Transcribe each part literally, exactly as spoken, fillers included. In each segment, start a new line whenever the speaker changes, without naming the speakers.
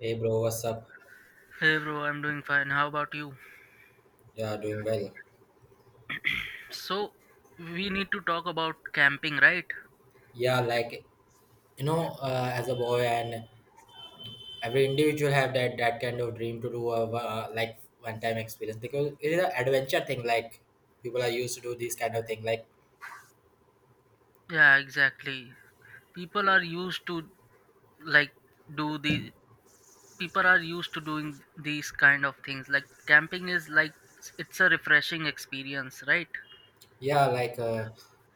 Hey bro, what's up?
Hey bro, I'm doing fine. How about you?
Yeah, doing well.
So, we need to talk about camping, right?
Yeah, like you know, uh, as a boy and every individual have that that kind of dream to do a uh, like one time experience because it is an adventure thing. Like people are used to do this kind of thing. Like
Yeah, exactly. People are used to like do the people are used to doing these kind of things. Like camping is like it's a refreshing experience, right?
yeah, like uh,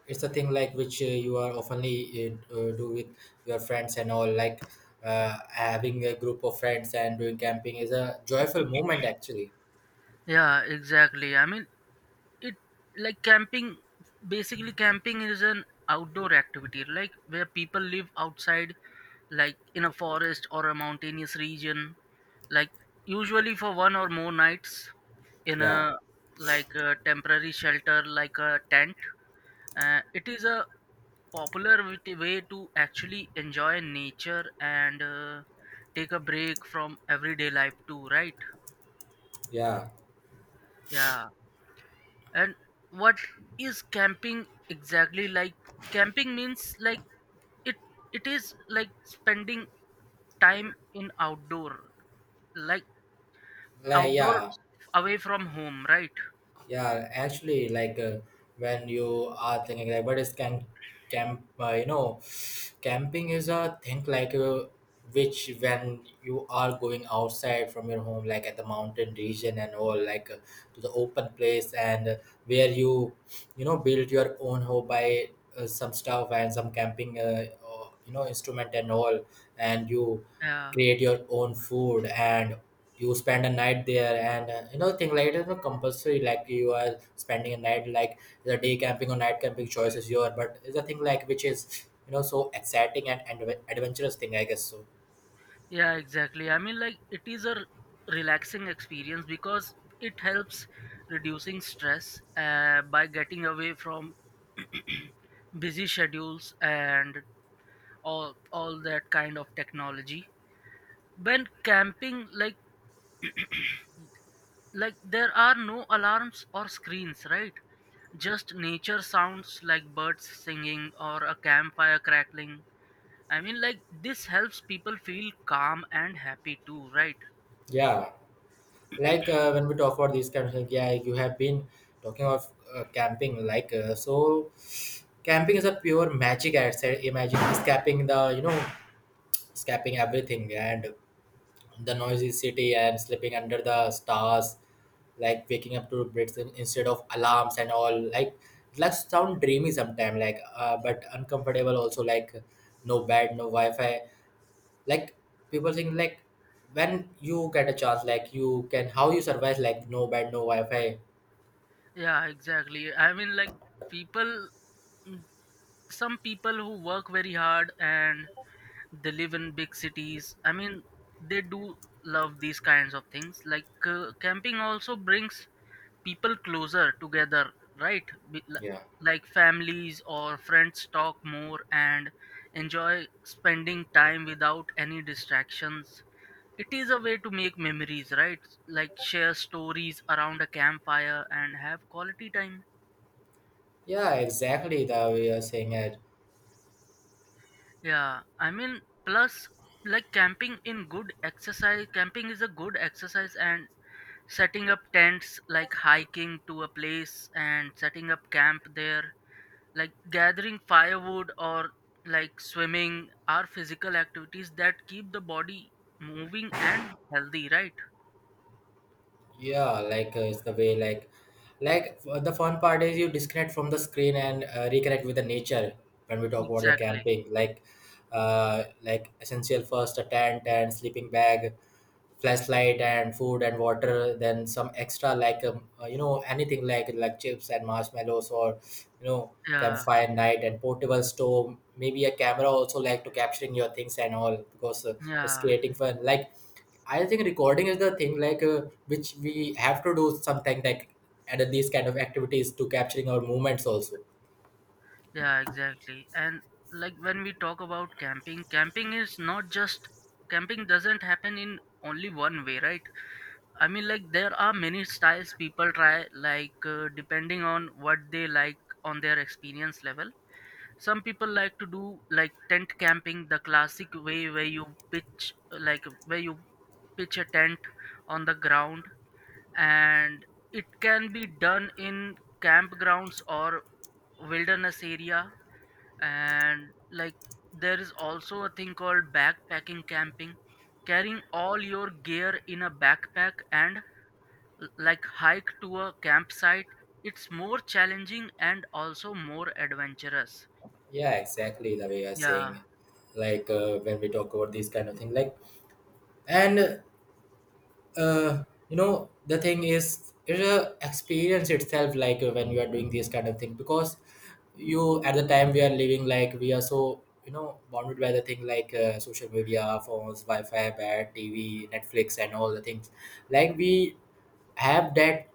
it's a thing like which uh, you are oftenly uh, uh, do with your friends and all. Like uh, having a group of friends and doing camping is a joyful moment actually.
Yeah, exactly. I mean, it like camping basically camping is an outdoor activity like where people live outside like in a forest or a mountainous region like usually for one or more nights in
Yeah,
a like a temporary shelter like a tent. Uh, it is a popular wit- way to actually enjoy nature and, uh, take a break from everyday life too, right?
yeah,
Yeah. And what is camping exactly like? Camping means like it it is like spending time in outdoor, like
like
outdoor,
yeah.
away from home, right?
Yeah, actually, like uh, when you are thinking like, what is can camp? Uh, you know, camping is a thing like uh, which when you are going outside from your home, like at the mountain region and all, like uh, to the open place and uh, where you, you know, build your own home by uh, some stuff and some camping, uh, uh, you know, instrument and all, and you
Yeah,
create your own food and you spend a night there and uh, you know thing like it is not compulsory like you are spending a night like the day camping or night camping choice is your but it's a thing like which is you know so exciting and, and adve- adventurous thing I guess so.
yeah, exactly. I mean, like it is a relaxing experience because it helps reducing stress, uh, by getting away from busy schedules and all all that kind of technology. When camping, like like there are no alarms or screens, right? Just nature sounds like birds singing or a campfire crackling. I mean, like this helps people feel calm and happy too, right?
Yeah, like uh, when we talk about these kind of things, yeah, you have been talking of uh, camping like uh, so camping is a pure magic I said, imagine escaping the you know escaping everything and the noisy city and sleeping under the stars like waking up to breaths in- instead of alarms and all, like it like sound dreamy sometimes. Like uh, but uncomfortable also like no bed, no wi-fi, like people think like when you get a chance like you can how you survive like no bed, no wi-fi.
Yeah, exactly. I mean, like people some people who work very hard and they live in big cities, I mean, they do love these kinds of things. Like, uh, camping also brings people closer together, right? Be- li-
Yeah.
like families or friends talk more and enjoy spending time without any distractions. It is a way to make memories, right? Like share stories around a campfire and have quality time.
Yeah, exactly the way you're saying it.
Yeah, I mean, plus, like camping in good exercise, camping is a good exercise, and setting up tents, like hiking to a place and setting up camp there, like gathering firewood or like swimming, are physical activities that keep the body moving and healthy, right?
Yeah, like uh, it's the way like Like f- the fun part is you disconnect from the screen and uh, reconnect with the nature. When we talk about the
Exactly.
camping, like uh, like essential first a tent and sleeping bag, flashlight and food and water. Then some extra like um, uh, you know anything like like chips and marshmallows or you know
yeah
campfire night and portable stove. Maybe a camera also like to capturing your things and all because uh, it's
yeah
creating fun. Like I think recording is the thing like uh, which we have to do something like at these kind of activities to capturing our movements also.
yeah exactly. And like when we talk about camping, camping is not just camping doesn't happen in only one way, right? I mean, like there are many styles people try, like, uh, depending on what they like, on their experience level. Some people like to do like tent camping, the classic way where you pitch like where you pitch a tent on the ground, and it can be done in campgrounds or wilderness area. And like there is also a thing called backpacking camping, carrying all your gear in a backpack and l- like hike to a campsite. It's more challenging and also more adventurous.
Yeah, exactly the way you're
yeah
saying. Like uh, when we talk about these kind of thing, like and uh, you know the thing is it's a experience itself. Like uh, when you are doing this kind of thing because you at the time we are living like we are so you know bounded by the thing like uh, social media, phones, wi-fi, bad tv, netflix and all the things like we have that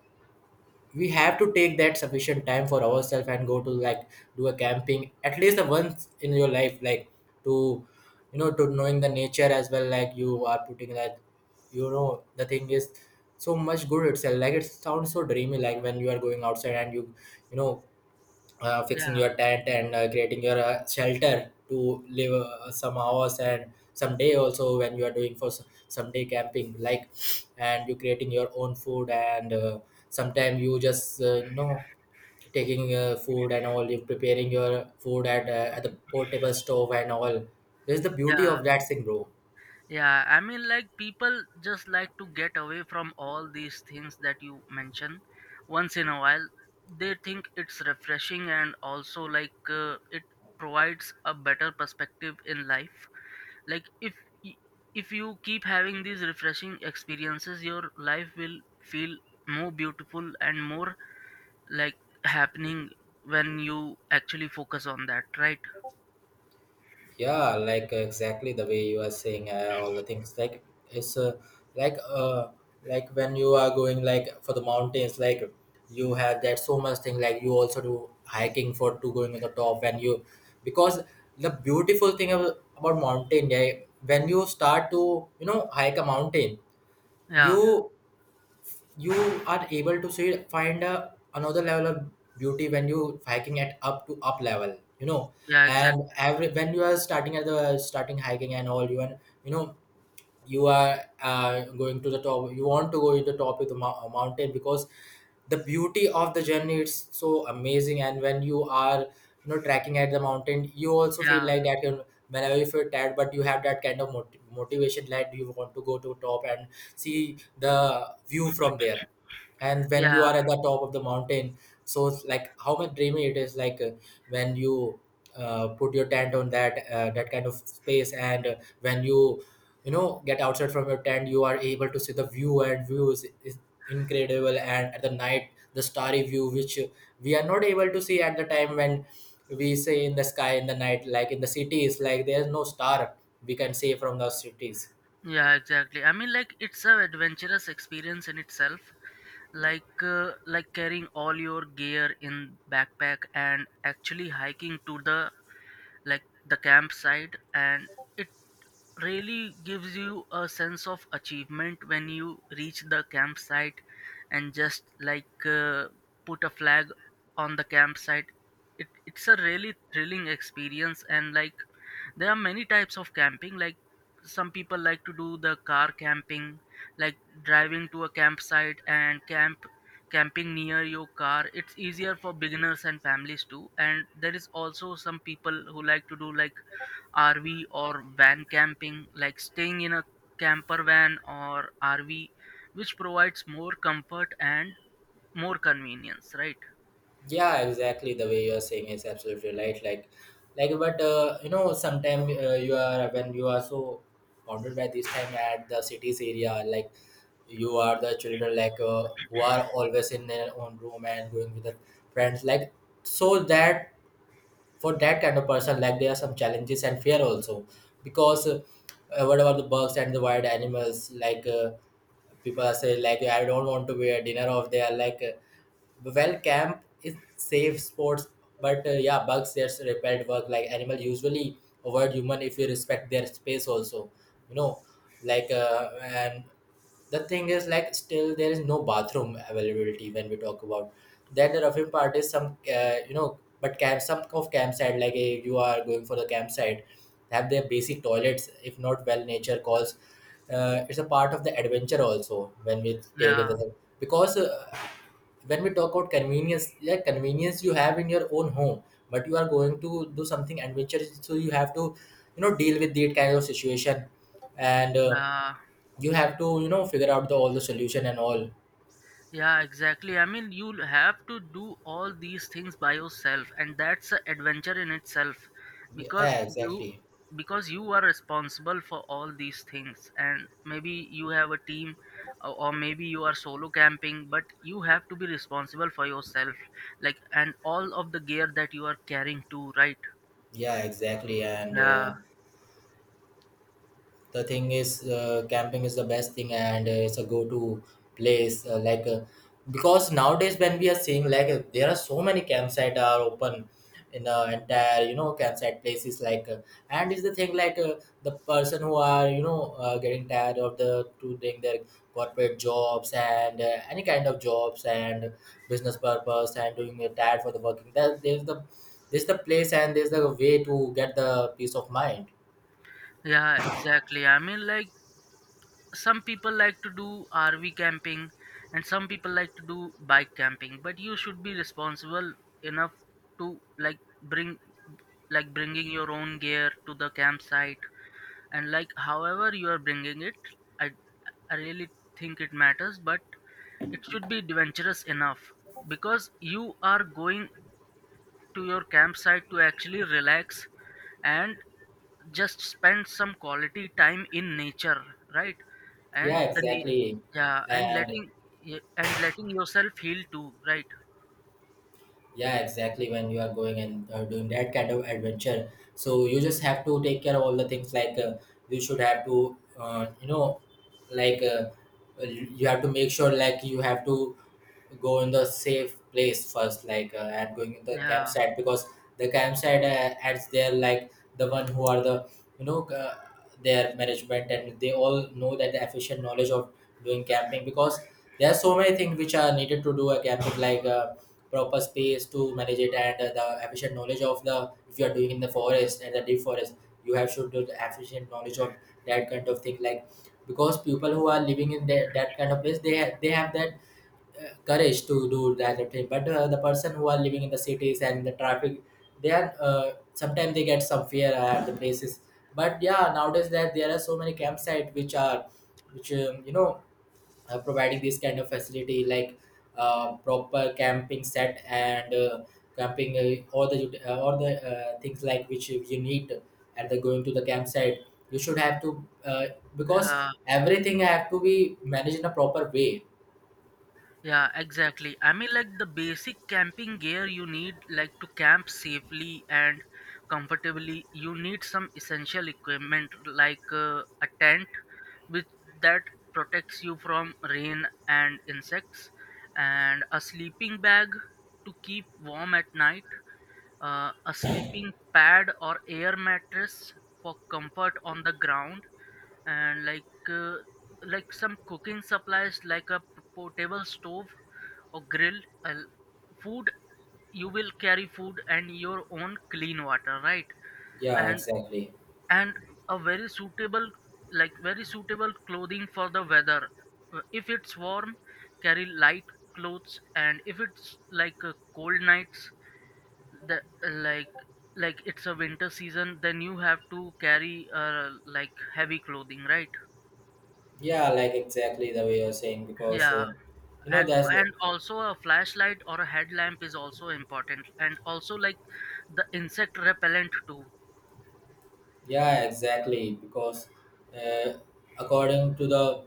we have to take that sufficient time for ourselves and go to like do a camping at least the once in your life like to you know to knowing the nature as well like you are putting like you know the thing is so much good itself like it sounds so dreamy like when you are going outside and you you know uh, fixing
yeah
your tent and uh, creating your uh, shelter to live uh, some hours and someday also when you are doing for s- someday camping like and you creating your own food and uh, sometime you just uh, you know taking uh, food and all you preparing your food at uh, at the portable stove and all, this is the beauty
yeah
of that thing bro.
yeah, I mean, like people just like to get away from all these things that you mention once in a while. They think it's refreshing, and also like, uh, it provides a better perspective in life. Like if y- if you keep having these refreshing experiences, your life will feel more beautiful and more like happening, when you actually focus on that, right?
Yeah like uh, exactly the way you are saying uh, all the things like it's uh, like uh like when you are going like for the mountains like you have that so much thing like you also do hiking for to going on the top and you because the beautiful thing ab- about mountain, yeah, when you start to you know hike a mountain. Yeah. you
Yeah.
you are able to see find a, another level of beauty when you hiking at up to up level you know.
Yeah,
And
exactly.
every when you are starting at the starting hiking and all you and you know you are uh, going to the top, you want to go in the top of the mou- uh, mountain because the beauty of the journey is so amazing and when you are you know trekking at the mountain you also feel
yeah
like that you know, whenever you feel tired but you have that kind of mot- motivation that you want to go to top and see the view from there and when you
yeah
are at the top of the mountain so it's like how much dreamy it is like uh, when you uh, put your tent on that uh, that kind of space and uh, when you you know get outside from your tent you are able to see the view and views is is incredible and at the night the starry view which we are not able to see at the time when we say in the sky in the night like in the cities, like there's no star we can see from the cities.
yeah, exactly. I mean, like it's a adventurous experience in itself, like, uh, like carrying all your gear in backpack and actually hiking to the like the campsite. And it really gives you a sense of achievement when you reach the campsite and just like, uh, put a flag on the campsite. It, it's a really thrilling experience. And like there are many types of camping, like some people like to do the car camping, like driving to a campsite and camp camping near your car. It's easier for beginners and families too. And there is also some people who like to do like R V or van camping, like staying in a camper van or R V, which provides more comfort and more convenience, right?
Yeah exactly the way you are saying is absolutely right like like but uh, you know sometimes uh, you are when you are so bounded by this time at the cities area, like you are the children like uh, who are always in their own room and going with the friends like so that for that kind of person like there are some challenges and fear also because uh, what about the bugs and the wild animals like uh, people are saying like I don't want to be a dinner of they like uh, well camp is safe sports but uh, yeah, bugs there's repelled work like animal usually avoid human if you respect their space also you know, like uh, and the thing is like still there is no bathroom availability when we talk about then the roughing part is some uh, you know but camp some of campsite like if you are going for the campsite have their basic toilets if not well nature calls uh, it's a part of the adventure also when we take
Yeah,
it because uh, when we talk about convenience, yeah, convenience you have in your own home but you are going to do something adventurous so you have to you know deal with that kind of situation and uh,
yeah,
you have to you know figure out the all the solution and all.
Yeah, exactly. I mean, you'll have to do all these things by yourself, and that's an adventure in itself, because
Yeah
you
exactly.
because you are responsible for all these things, and maybe you have a team, or or maybe you are solo camping, but you have to be responsible for yourself, like, and all of the gear that you are carrying too, right?
Yeah exactly and uh,
Yeah,
the thing is uh, camping is the best thing and uh, it's a go-to place uh, like uh, because nowadays when we are seeing like uh, there are so many campsite are open in the entire you know campsite places like uh, and it's the thing like uh, the person who are you know uh, getting tired of the to doing their corporate jobs and uh, any kind of jobs and business purpose and doing a tired for the working that there's the this is the place and there's the way to get the peace of mind.
yeah, exactly. I mean, like some people like to do RV camping and some people like to do bike camping, but you should be responsible enough to like bring like bringing your own gear to the campsite. And like however you are bringing it, i, I really think it matters, but it should be adventurous enough, because you are going to your campsite to actually relax and just spend some quality time in nature, right?
Yeah,
And the na-
exactly.
yeah, and
And
letting yeah, and letting yourself heal too, right?
yeah, exactly. When you are going and uh, doing that kind of adventure, so you just have to take care of all the things. Like uh, you should have to, uh, you know, like uh, you have to make sure like you have to go in the safe place first like uh, and going in the
yeah
campsite because the campsite uh, adds there like the one who are the you know uh, their management and they all know that the efficient knowledge of doing camping because there are so many things which are needed to do a camping like uh, proper space to manage it and uh, the efficient knowledge of the if you are doing in the forest and the deep forest you have should do the efficient knowledge of that kind of thing like because people who are living in that, that kind of place they ha- they have that courage to do that attempt. But uh, the person who are living in the cities and the traffic they are uh, sometimes they get some fear at the places but yeah nowadays that there are so many campsite which are which um, you know are providing this kind of facility like uh, proper camping set and uh, camping uh, all the ut- uh, all the uh, things like which you need at the going to the campsite you should have to uh, because
yeah
everything have to be managed in a proper way.
yeah, exactly. I mean, like the basic camping gear you need, like to camp safely and comfortably, you need some essential equipment like, uh, a tent, which that protects you from rain and insects, and a sleeping bag to keep warm at night, uh, a sleeping pad or air mattress for comfort on the ground, and like, uh, like some cooking supplies like a p- portable stove or grill, uh, food. You will carry food and your own clean water, right?
Yeah
And
exactly.
and a very suitable like very suitable clothing for the weather. Uh, if it's warm, carry light clothes, and if it's like, uh, cold nights, the like like it's a winter season, then you have to carry, uh, like heavy clothing, right?
Yeah, like exactly the way you're saying, because
Yeah.
uh, you know,
and,
that's.
and also a flashlight or a headlamp is also important, and also like the insect repellent too.
Yeah, exactly. Because uh, according to the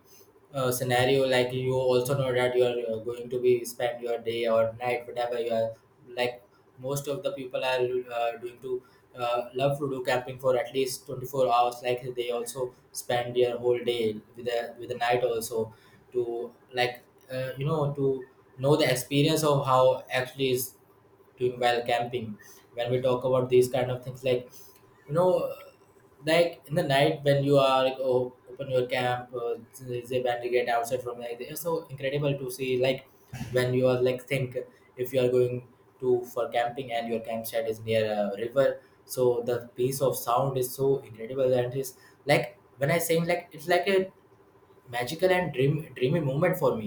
uh, scenario, like you also know that you are uh, going to be spend your day or night, whatever you are. Like most of the people are uh, doing to uh, love to do camping for at least twenty four hours. Like they also spend their whole day with the with the night also to like uh, you know to know the experience of how actually is doing well camping when we talk about these kind of things like you know, like in the night when you are like oh, open your camp uh, there's a band get outside from, like it's so incredible to see, like when you are like think if you are going to for camping and your campsite is near a river, so the piece of sound is so incredible. And it's like when I sing, like it's like a magical and dream dreamy moment for me.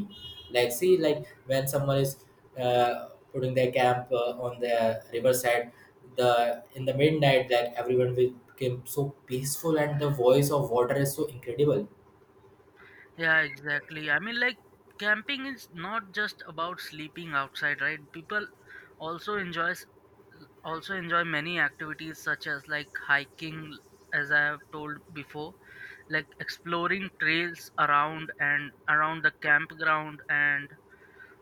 Like see, like when someone is uh, putting their camp uh, on the riverside, the in the midnight that everyone will became so peaceful and the voice of water is so incredible.
Yeah, exactly. I mean, like camping is not just about sleeping outside, right? People also enjoys also enjoy many activities such as like hiking, as I have told before, like exploring trails around and around the campground, and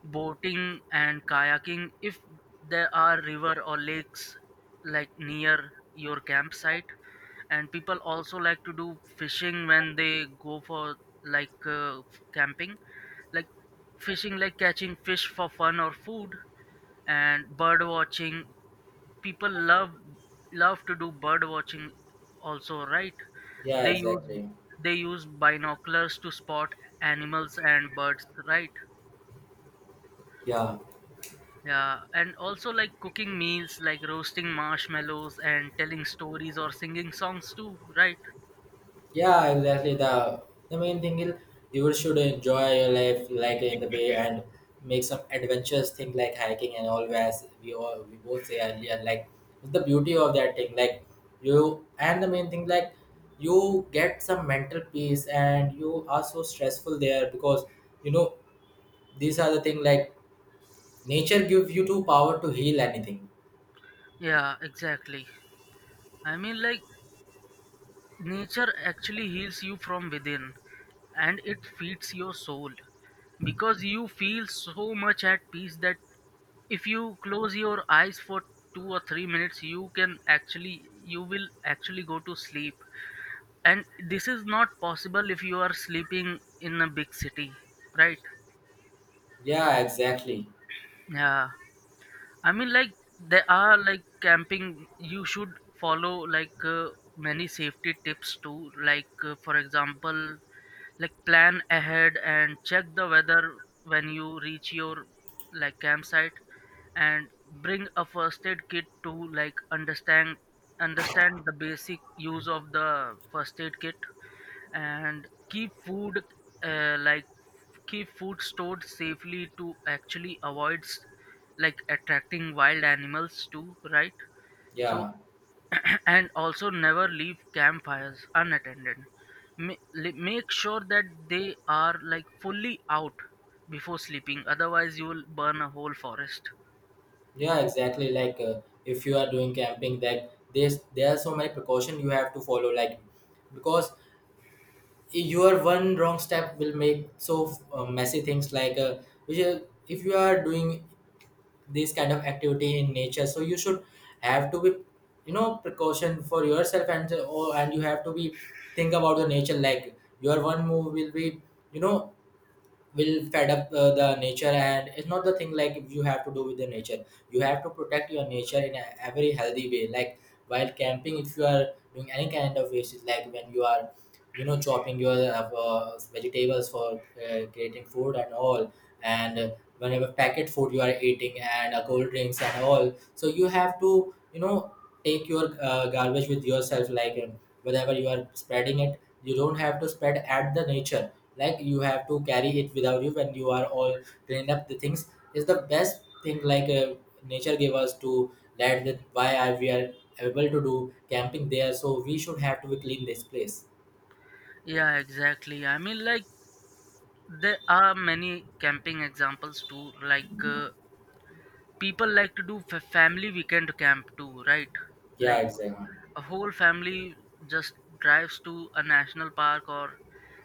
boating and kayaking if there are river or lakes like near your campsite. And people also like to do fishing when they go for like, uh, camping, like fishing, like catching fish for fun or food, and bird watching. People love love to do bird watching also, right?
Yeah,
they use
exactly.
they use binoculars to spot animals and birds, right?
Yeah.
Yeah, and also like cooking meals, like roasting marshmallows and telling stories or singing songs too, right?
Yeah, exactly. The the main thing is you should enjoy your life like in the way and make some adventurous thing like hiking and all, as we all we both say earlier, like it's the beauty of that thing. Like you and the main thing, like you get some mental peace and you are so stressful there because, you know, these are the thing, like nature gives you to power to heal anything.
Yeah, exactly. I mean, like nature actually heals you from within, and it feeds your soul, because you feel so much at peace that if you close your eyes for two or three minutes, you can actually, you will actually go to sleep. And this is not possible if you are sleeping in a big city, right?
Yeah, exactly.
Yeah. I mean, like there are like camping, you should follow like, uh, many safety tips too. Like, uh, for example, like plan ahead and check the weather when you reach your like campsite, and bring a first aid kit to like understand understand the basic use of the first aid kit, and keep food, uh, like keep food stored safely to actually avoid s- like attracting wild animals too, right? So,
Yeah.
and also never leave campfires unattended. Ma- li- make sure that they are like fully out before sleeping, otherwise you will burn a whole forest.
Yeah, exactly. Like uh, if you are doing camping, that there's there are so many precaution you have to follow. Like because your one wrong step will make so uh, messy things. Like uh, which is, if you are doing this kind of activity in nature, so you should have to be, you know, precaution for yourself and uh, oh, and you have to be think about the nature. Like your one move will be, you know, will fed up uh, the nature, and it's not the thing like you have to do with the nature. You have to protect your nature in a, a very healthy way, like while camping if you are doing any kind of waste, like when you are, you know, chopping your uh, uh, vegetables for uh, creating food and all. And uh, whenever packet food you are eating and uh, cold drinks and all, so you have to, you know, take your uh, garbage with yourself, like um, whatever you are spreading it you don't have to spread at the nature. Like you have to carry it without you when you are all cleaned up the things is the best thing, like uh, nature gave us to that that why are we are able to do camping there, so we should have to clean this place.
Yeah, exactly. I mean, like there are many camping examples too, like, uh, people like to do fa- family weekend camp too, right?
Yeah,
Like
exactly.
a whole family just drives to a national park or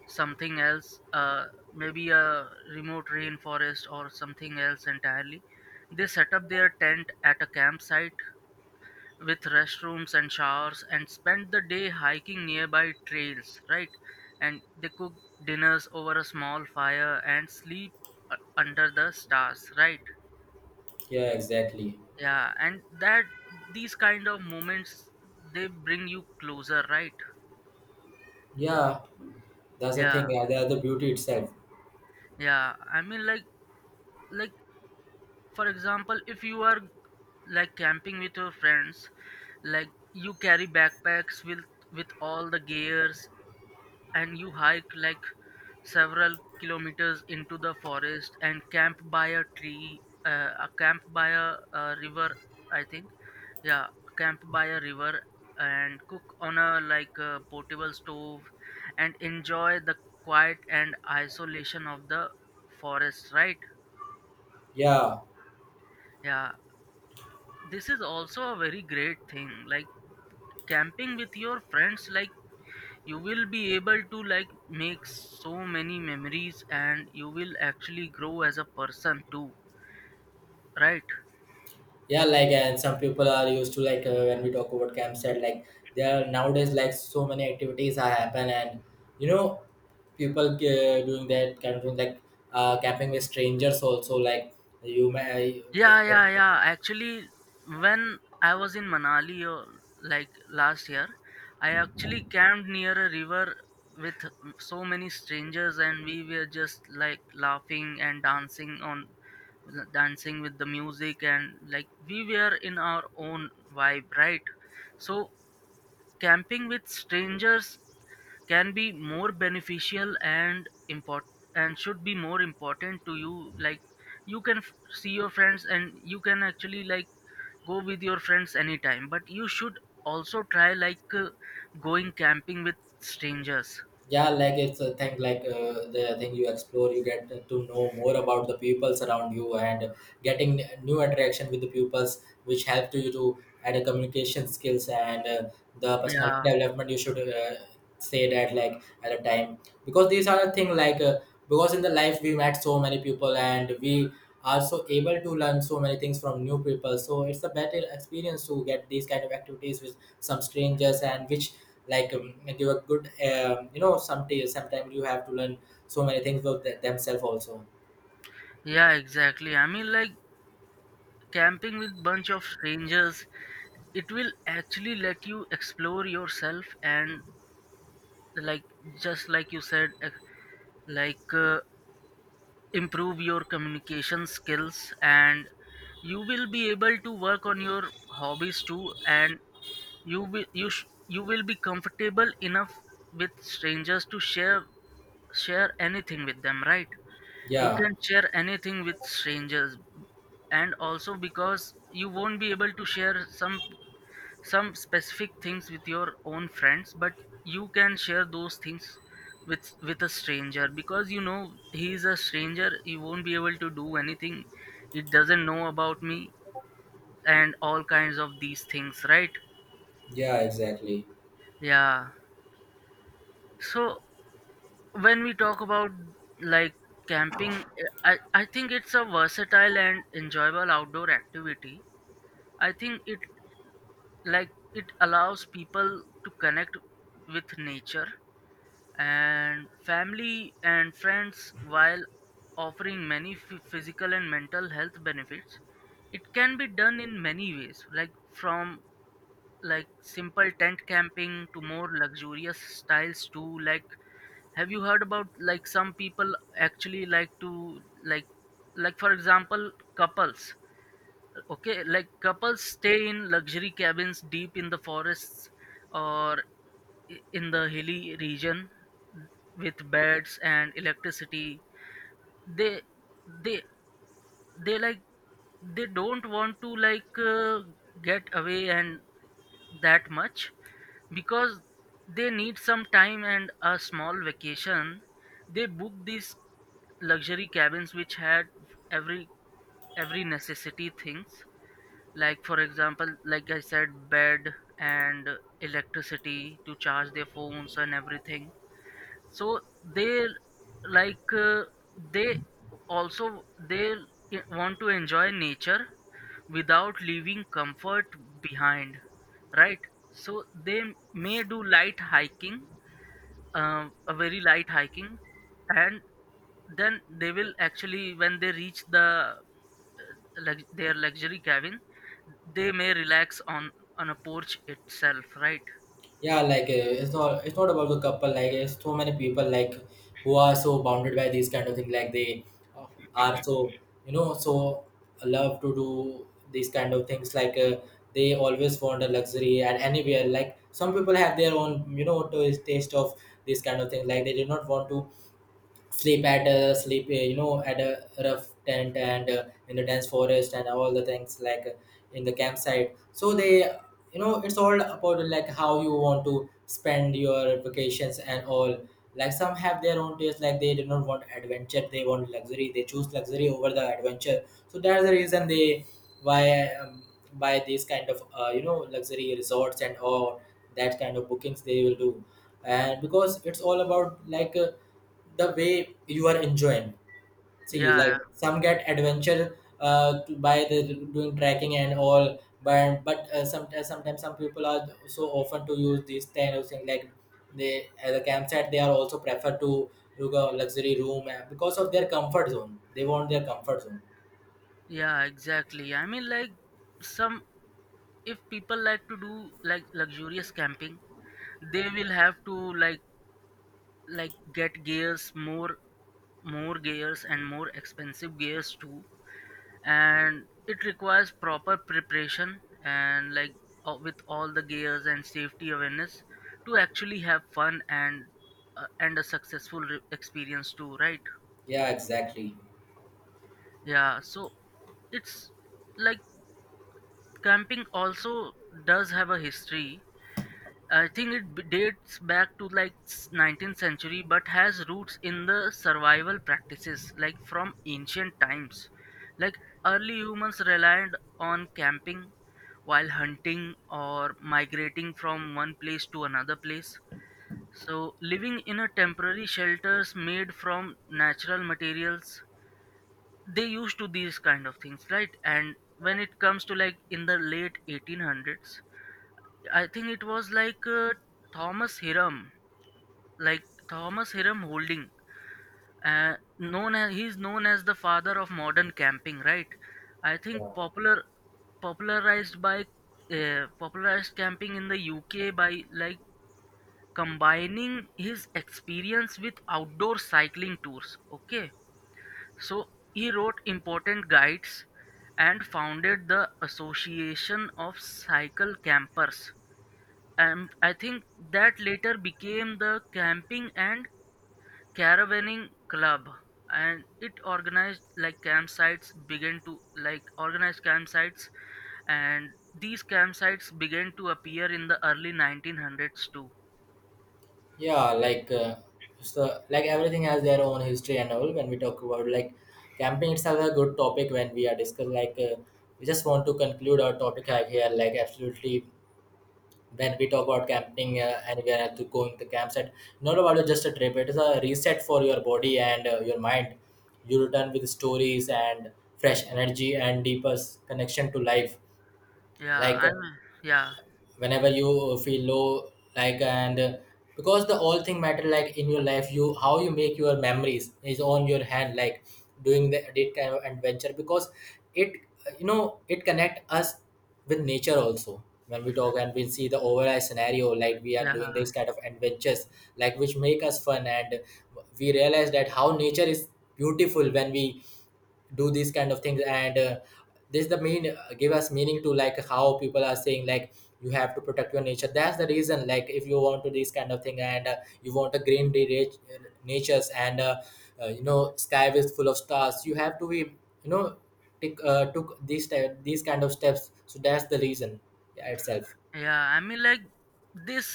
something else, uh, maybe a remote rainforest or something else entirely. They set up their tent at a campsite with restrooms and showers, and spend the day hiking nearby trails, right? And they cook dinners over a small fire and sleep, uh, under the stars, right?
Yeah, exactly.
Yeah. And that these kind of moments, they bring you closer, right?
Yeah, that's the
Yeah.
thing. Yeah, that's the beauty itself.
yeah I mean, like like for example, if you are like camping with your friends, like you carry backpacks with with all the gears, and you hike like several kilometers into the forest and camp by a tree, uh, a camp by a, a river. I think, yeah, camp by a river, and cook on a like a portable stove, and enjoy the quiet and isolation of the forest, right?
Yeah.
Yeah. This is also a very great thing, like camping with your friends. Like you will be able to like make so many memories, and you will actually grow as a person too, right?
Yeah, like and some people are used to like uh, when we talk about campsite, like there are nowadays like so many activities are happen, and you know people uh, doing that kind of thing, like uh, camping with strangers also, like you may.
Yeah. Yeah yeah actually, when I was in Manali, uh, like last year, I actually camped near a river with so many strangers, and we were just like laughing and dancing on dancing with the music, and like we were in our own vibe, right? So camping with strangers can be more beneficial and important, and should be more important to you. Like you can f- see your friends and you can actually like go with your friends anytime, but you should also try like, uh, going camping with strangers.
Yeah, like it's a thing, like uh, the thing you explore, you get to know more about the peoples around you, and getting new interaction with the pupils which help to you to add a communication skills and uh, the personality
Yeah.
development, you should uh, say that like at a time, because these are the thing like uh, because in the life we met so many people and we are so able to learn so many things from new people, so it's a better experience to get these kind of activities with some strangers and which like um, give a good um, you know, some sometimes you have to learn so many things about th- themselves also.
yeah exactly, I mean, like camping with bunch of strangers, it will actually let you explore yourself, and like just like you said, ex- like uh, improve your communication skills, and you will be able to work on your hobbies too, and you will you sh- you will be comfortable enough with strangers to share share anything with them, right? You
Yeah.
can share anything with strangers. And also, because you won't be able to share some some specific things with your own friends, but you can share those things with with a stranger, because you know he is a stranger, he won't be able to do anything, he doesn't know about me, and all kinds of these things, right?
Yeah, exactly.
Yeah. So when we talk about, like, camping, i i think it's a versatile and enjoyable outdoor activity. I think it, like, it allows people to connect with nature and family and friends, while offering many phy- physical and mental health benefits. It can be done in many ways, like from, like, simple tent camping to more luxurious styles too. Like, have you heard about, like, some people actually like to, like, like for example, couples. Okay, like couples stay in luxury cabins deep in the forests, or i- in the hilly region, with beds and electricity. They, they they, like, they don't want to like, uh, get away and that much, because they need some time and a small vacation. They book these luxury cabins, which had every every necessity things, like, for example, like I said, bed and electricity to charge their phones and everything. So they, like, uh, they, also they i- want to enjoy nature without leaving comfort behind, right? So they may do light hiking, um, a very light hiking. And then they will actually, when they reach the, uh, lux- their luxury cabin, they may relax on on a porch itself, right?
Yeah, like uh, it's not, it's not about the couple, like it's so many people like who are so bounded by these kind of things, like they uh, are so, you know, so love to do these kind of things, like uh, they always want a luxury and anywhere, like some people have their own, you know, to- taste of this kind of thing, like they do not want to sleep at uh, sleep uh, you know, at a rough tent and uh, in the dense forest and all the things, like uh, in the campsite, so they, you know, it's all about like how you want to spend your vacations and all. Like some have their own taste, like they do not want adventure, they want luxury, they choose luxury over the adventure, so that's the reason they why um, buy these kind of uh, you know, luxury resorts and all, that kind of bookings they will do. And because it's all about like uh, the way you are enjoying. See,
Yeah.
like
Yeah,
some get adventure uh, to- by the doing trekking and all, but but uh, sometimes sometimes some people are so often to use these kind of thing, like they as a campsite they are also prefer to look a luxury room uh, because of their comfort zone. They want their comfort zone.
yeah, exactly, I mean, like, some, if people like to do, like, luxurious camping, they will have to, like like get gears, more more gears and more expensive gears too. And it requires proper preparation, and, like, uh, with all the gears and safety awareness to actually have fun and, uh, and a successful re- experience too, right?
Yeah, exactly.
Yeah. So it's, like, camping also does have a history. I think it b- dates back to like s- nineteenth century, but has roots in the survival practices, like, from ancient times. Like, early humans relied on camping while hunting or migrating from one place to another place. So, living in a temporary shelters made from natural materials, they used to these kind of things, right? And when it comes to, like, in the late eighteen hundreds, I think it was, like, uh, Thomas Hiram, like, Thomas Hiram Holding, uh, known as he's known as the father of modern camping, right? I think popular popularized by, uh, popularized camping in the U K by, like, combining his experience with outdoor cycling tours. Okay. So he wrote important guides and founded the Association of Cycle Campers. And I think that later became the Camping and Caravanning Club. And it organized, like, campsites began to like organized campsites, and these campsites began to appear in the early nineteen hundreds too.
Yeah, like uh, so, like everything has their own history and all. When we talk about like camping, itself a good topic when we are discuss. Like uh, we just want to conclude our topic out here. Like absolutely, when we talk about camping uh, anywhere else to going to campsite, not about just a trip. It is a reset for your body and uh, your mind. You return with stories and fresh energy and deeper s- connection to life.
Yeah,
Like
I mean. Yeah.
whenever you feel low, like and uh, because the all thing matter like in your life, you how you make your memories is on your hand, like doing the that kind of adventure because it uh, you know, it connect us with nature also. When we talk and we see the overall scenario, like we are
Yeah,
doing this kind of adventures, like which make us fun, and we realize that how nature is beautiful when we do these kind of things. And uh, this the main uh, give us meaning to, like how people are saying, like you have to protect your nature. That's the reason, like if you want to this kind of thing and uh, you want a green rich uh, natures and uh, uh, you know, sky is full of stars, you have to be, you know, take uh, took these type these kind of steps, so that's the reason. Yeah, itself.
yeah, I mean, like, this,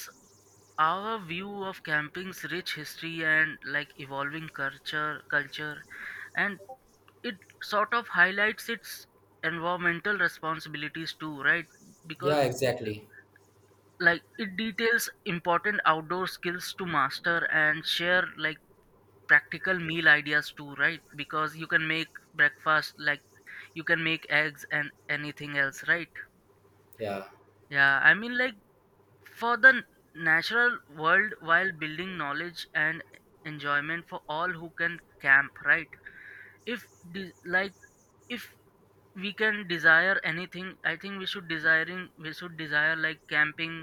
our view of camping's rich history and, like, evolving culture culture, and it sort of highlights its environmental responsibilities too, right?
Yeah,
Because,
exactly.
like, it details important outdoor skills to master and share, like practical meal ideas too, right? Because you can make breakfast, like, you can make eggs and anything else, right?
Yeah.
Yeah, I mean, like, for the natural world, while building knowledge and enjoyment for all who can camp, right? If, de- like, if we can desire anything, I think we should desiring we should desire, like, camping,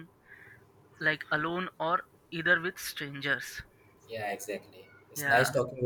like, alone or either with strangers.
Yeah, exactly. It's nice talking
Yeah.
with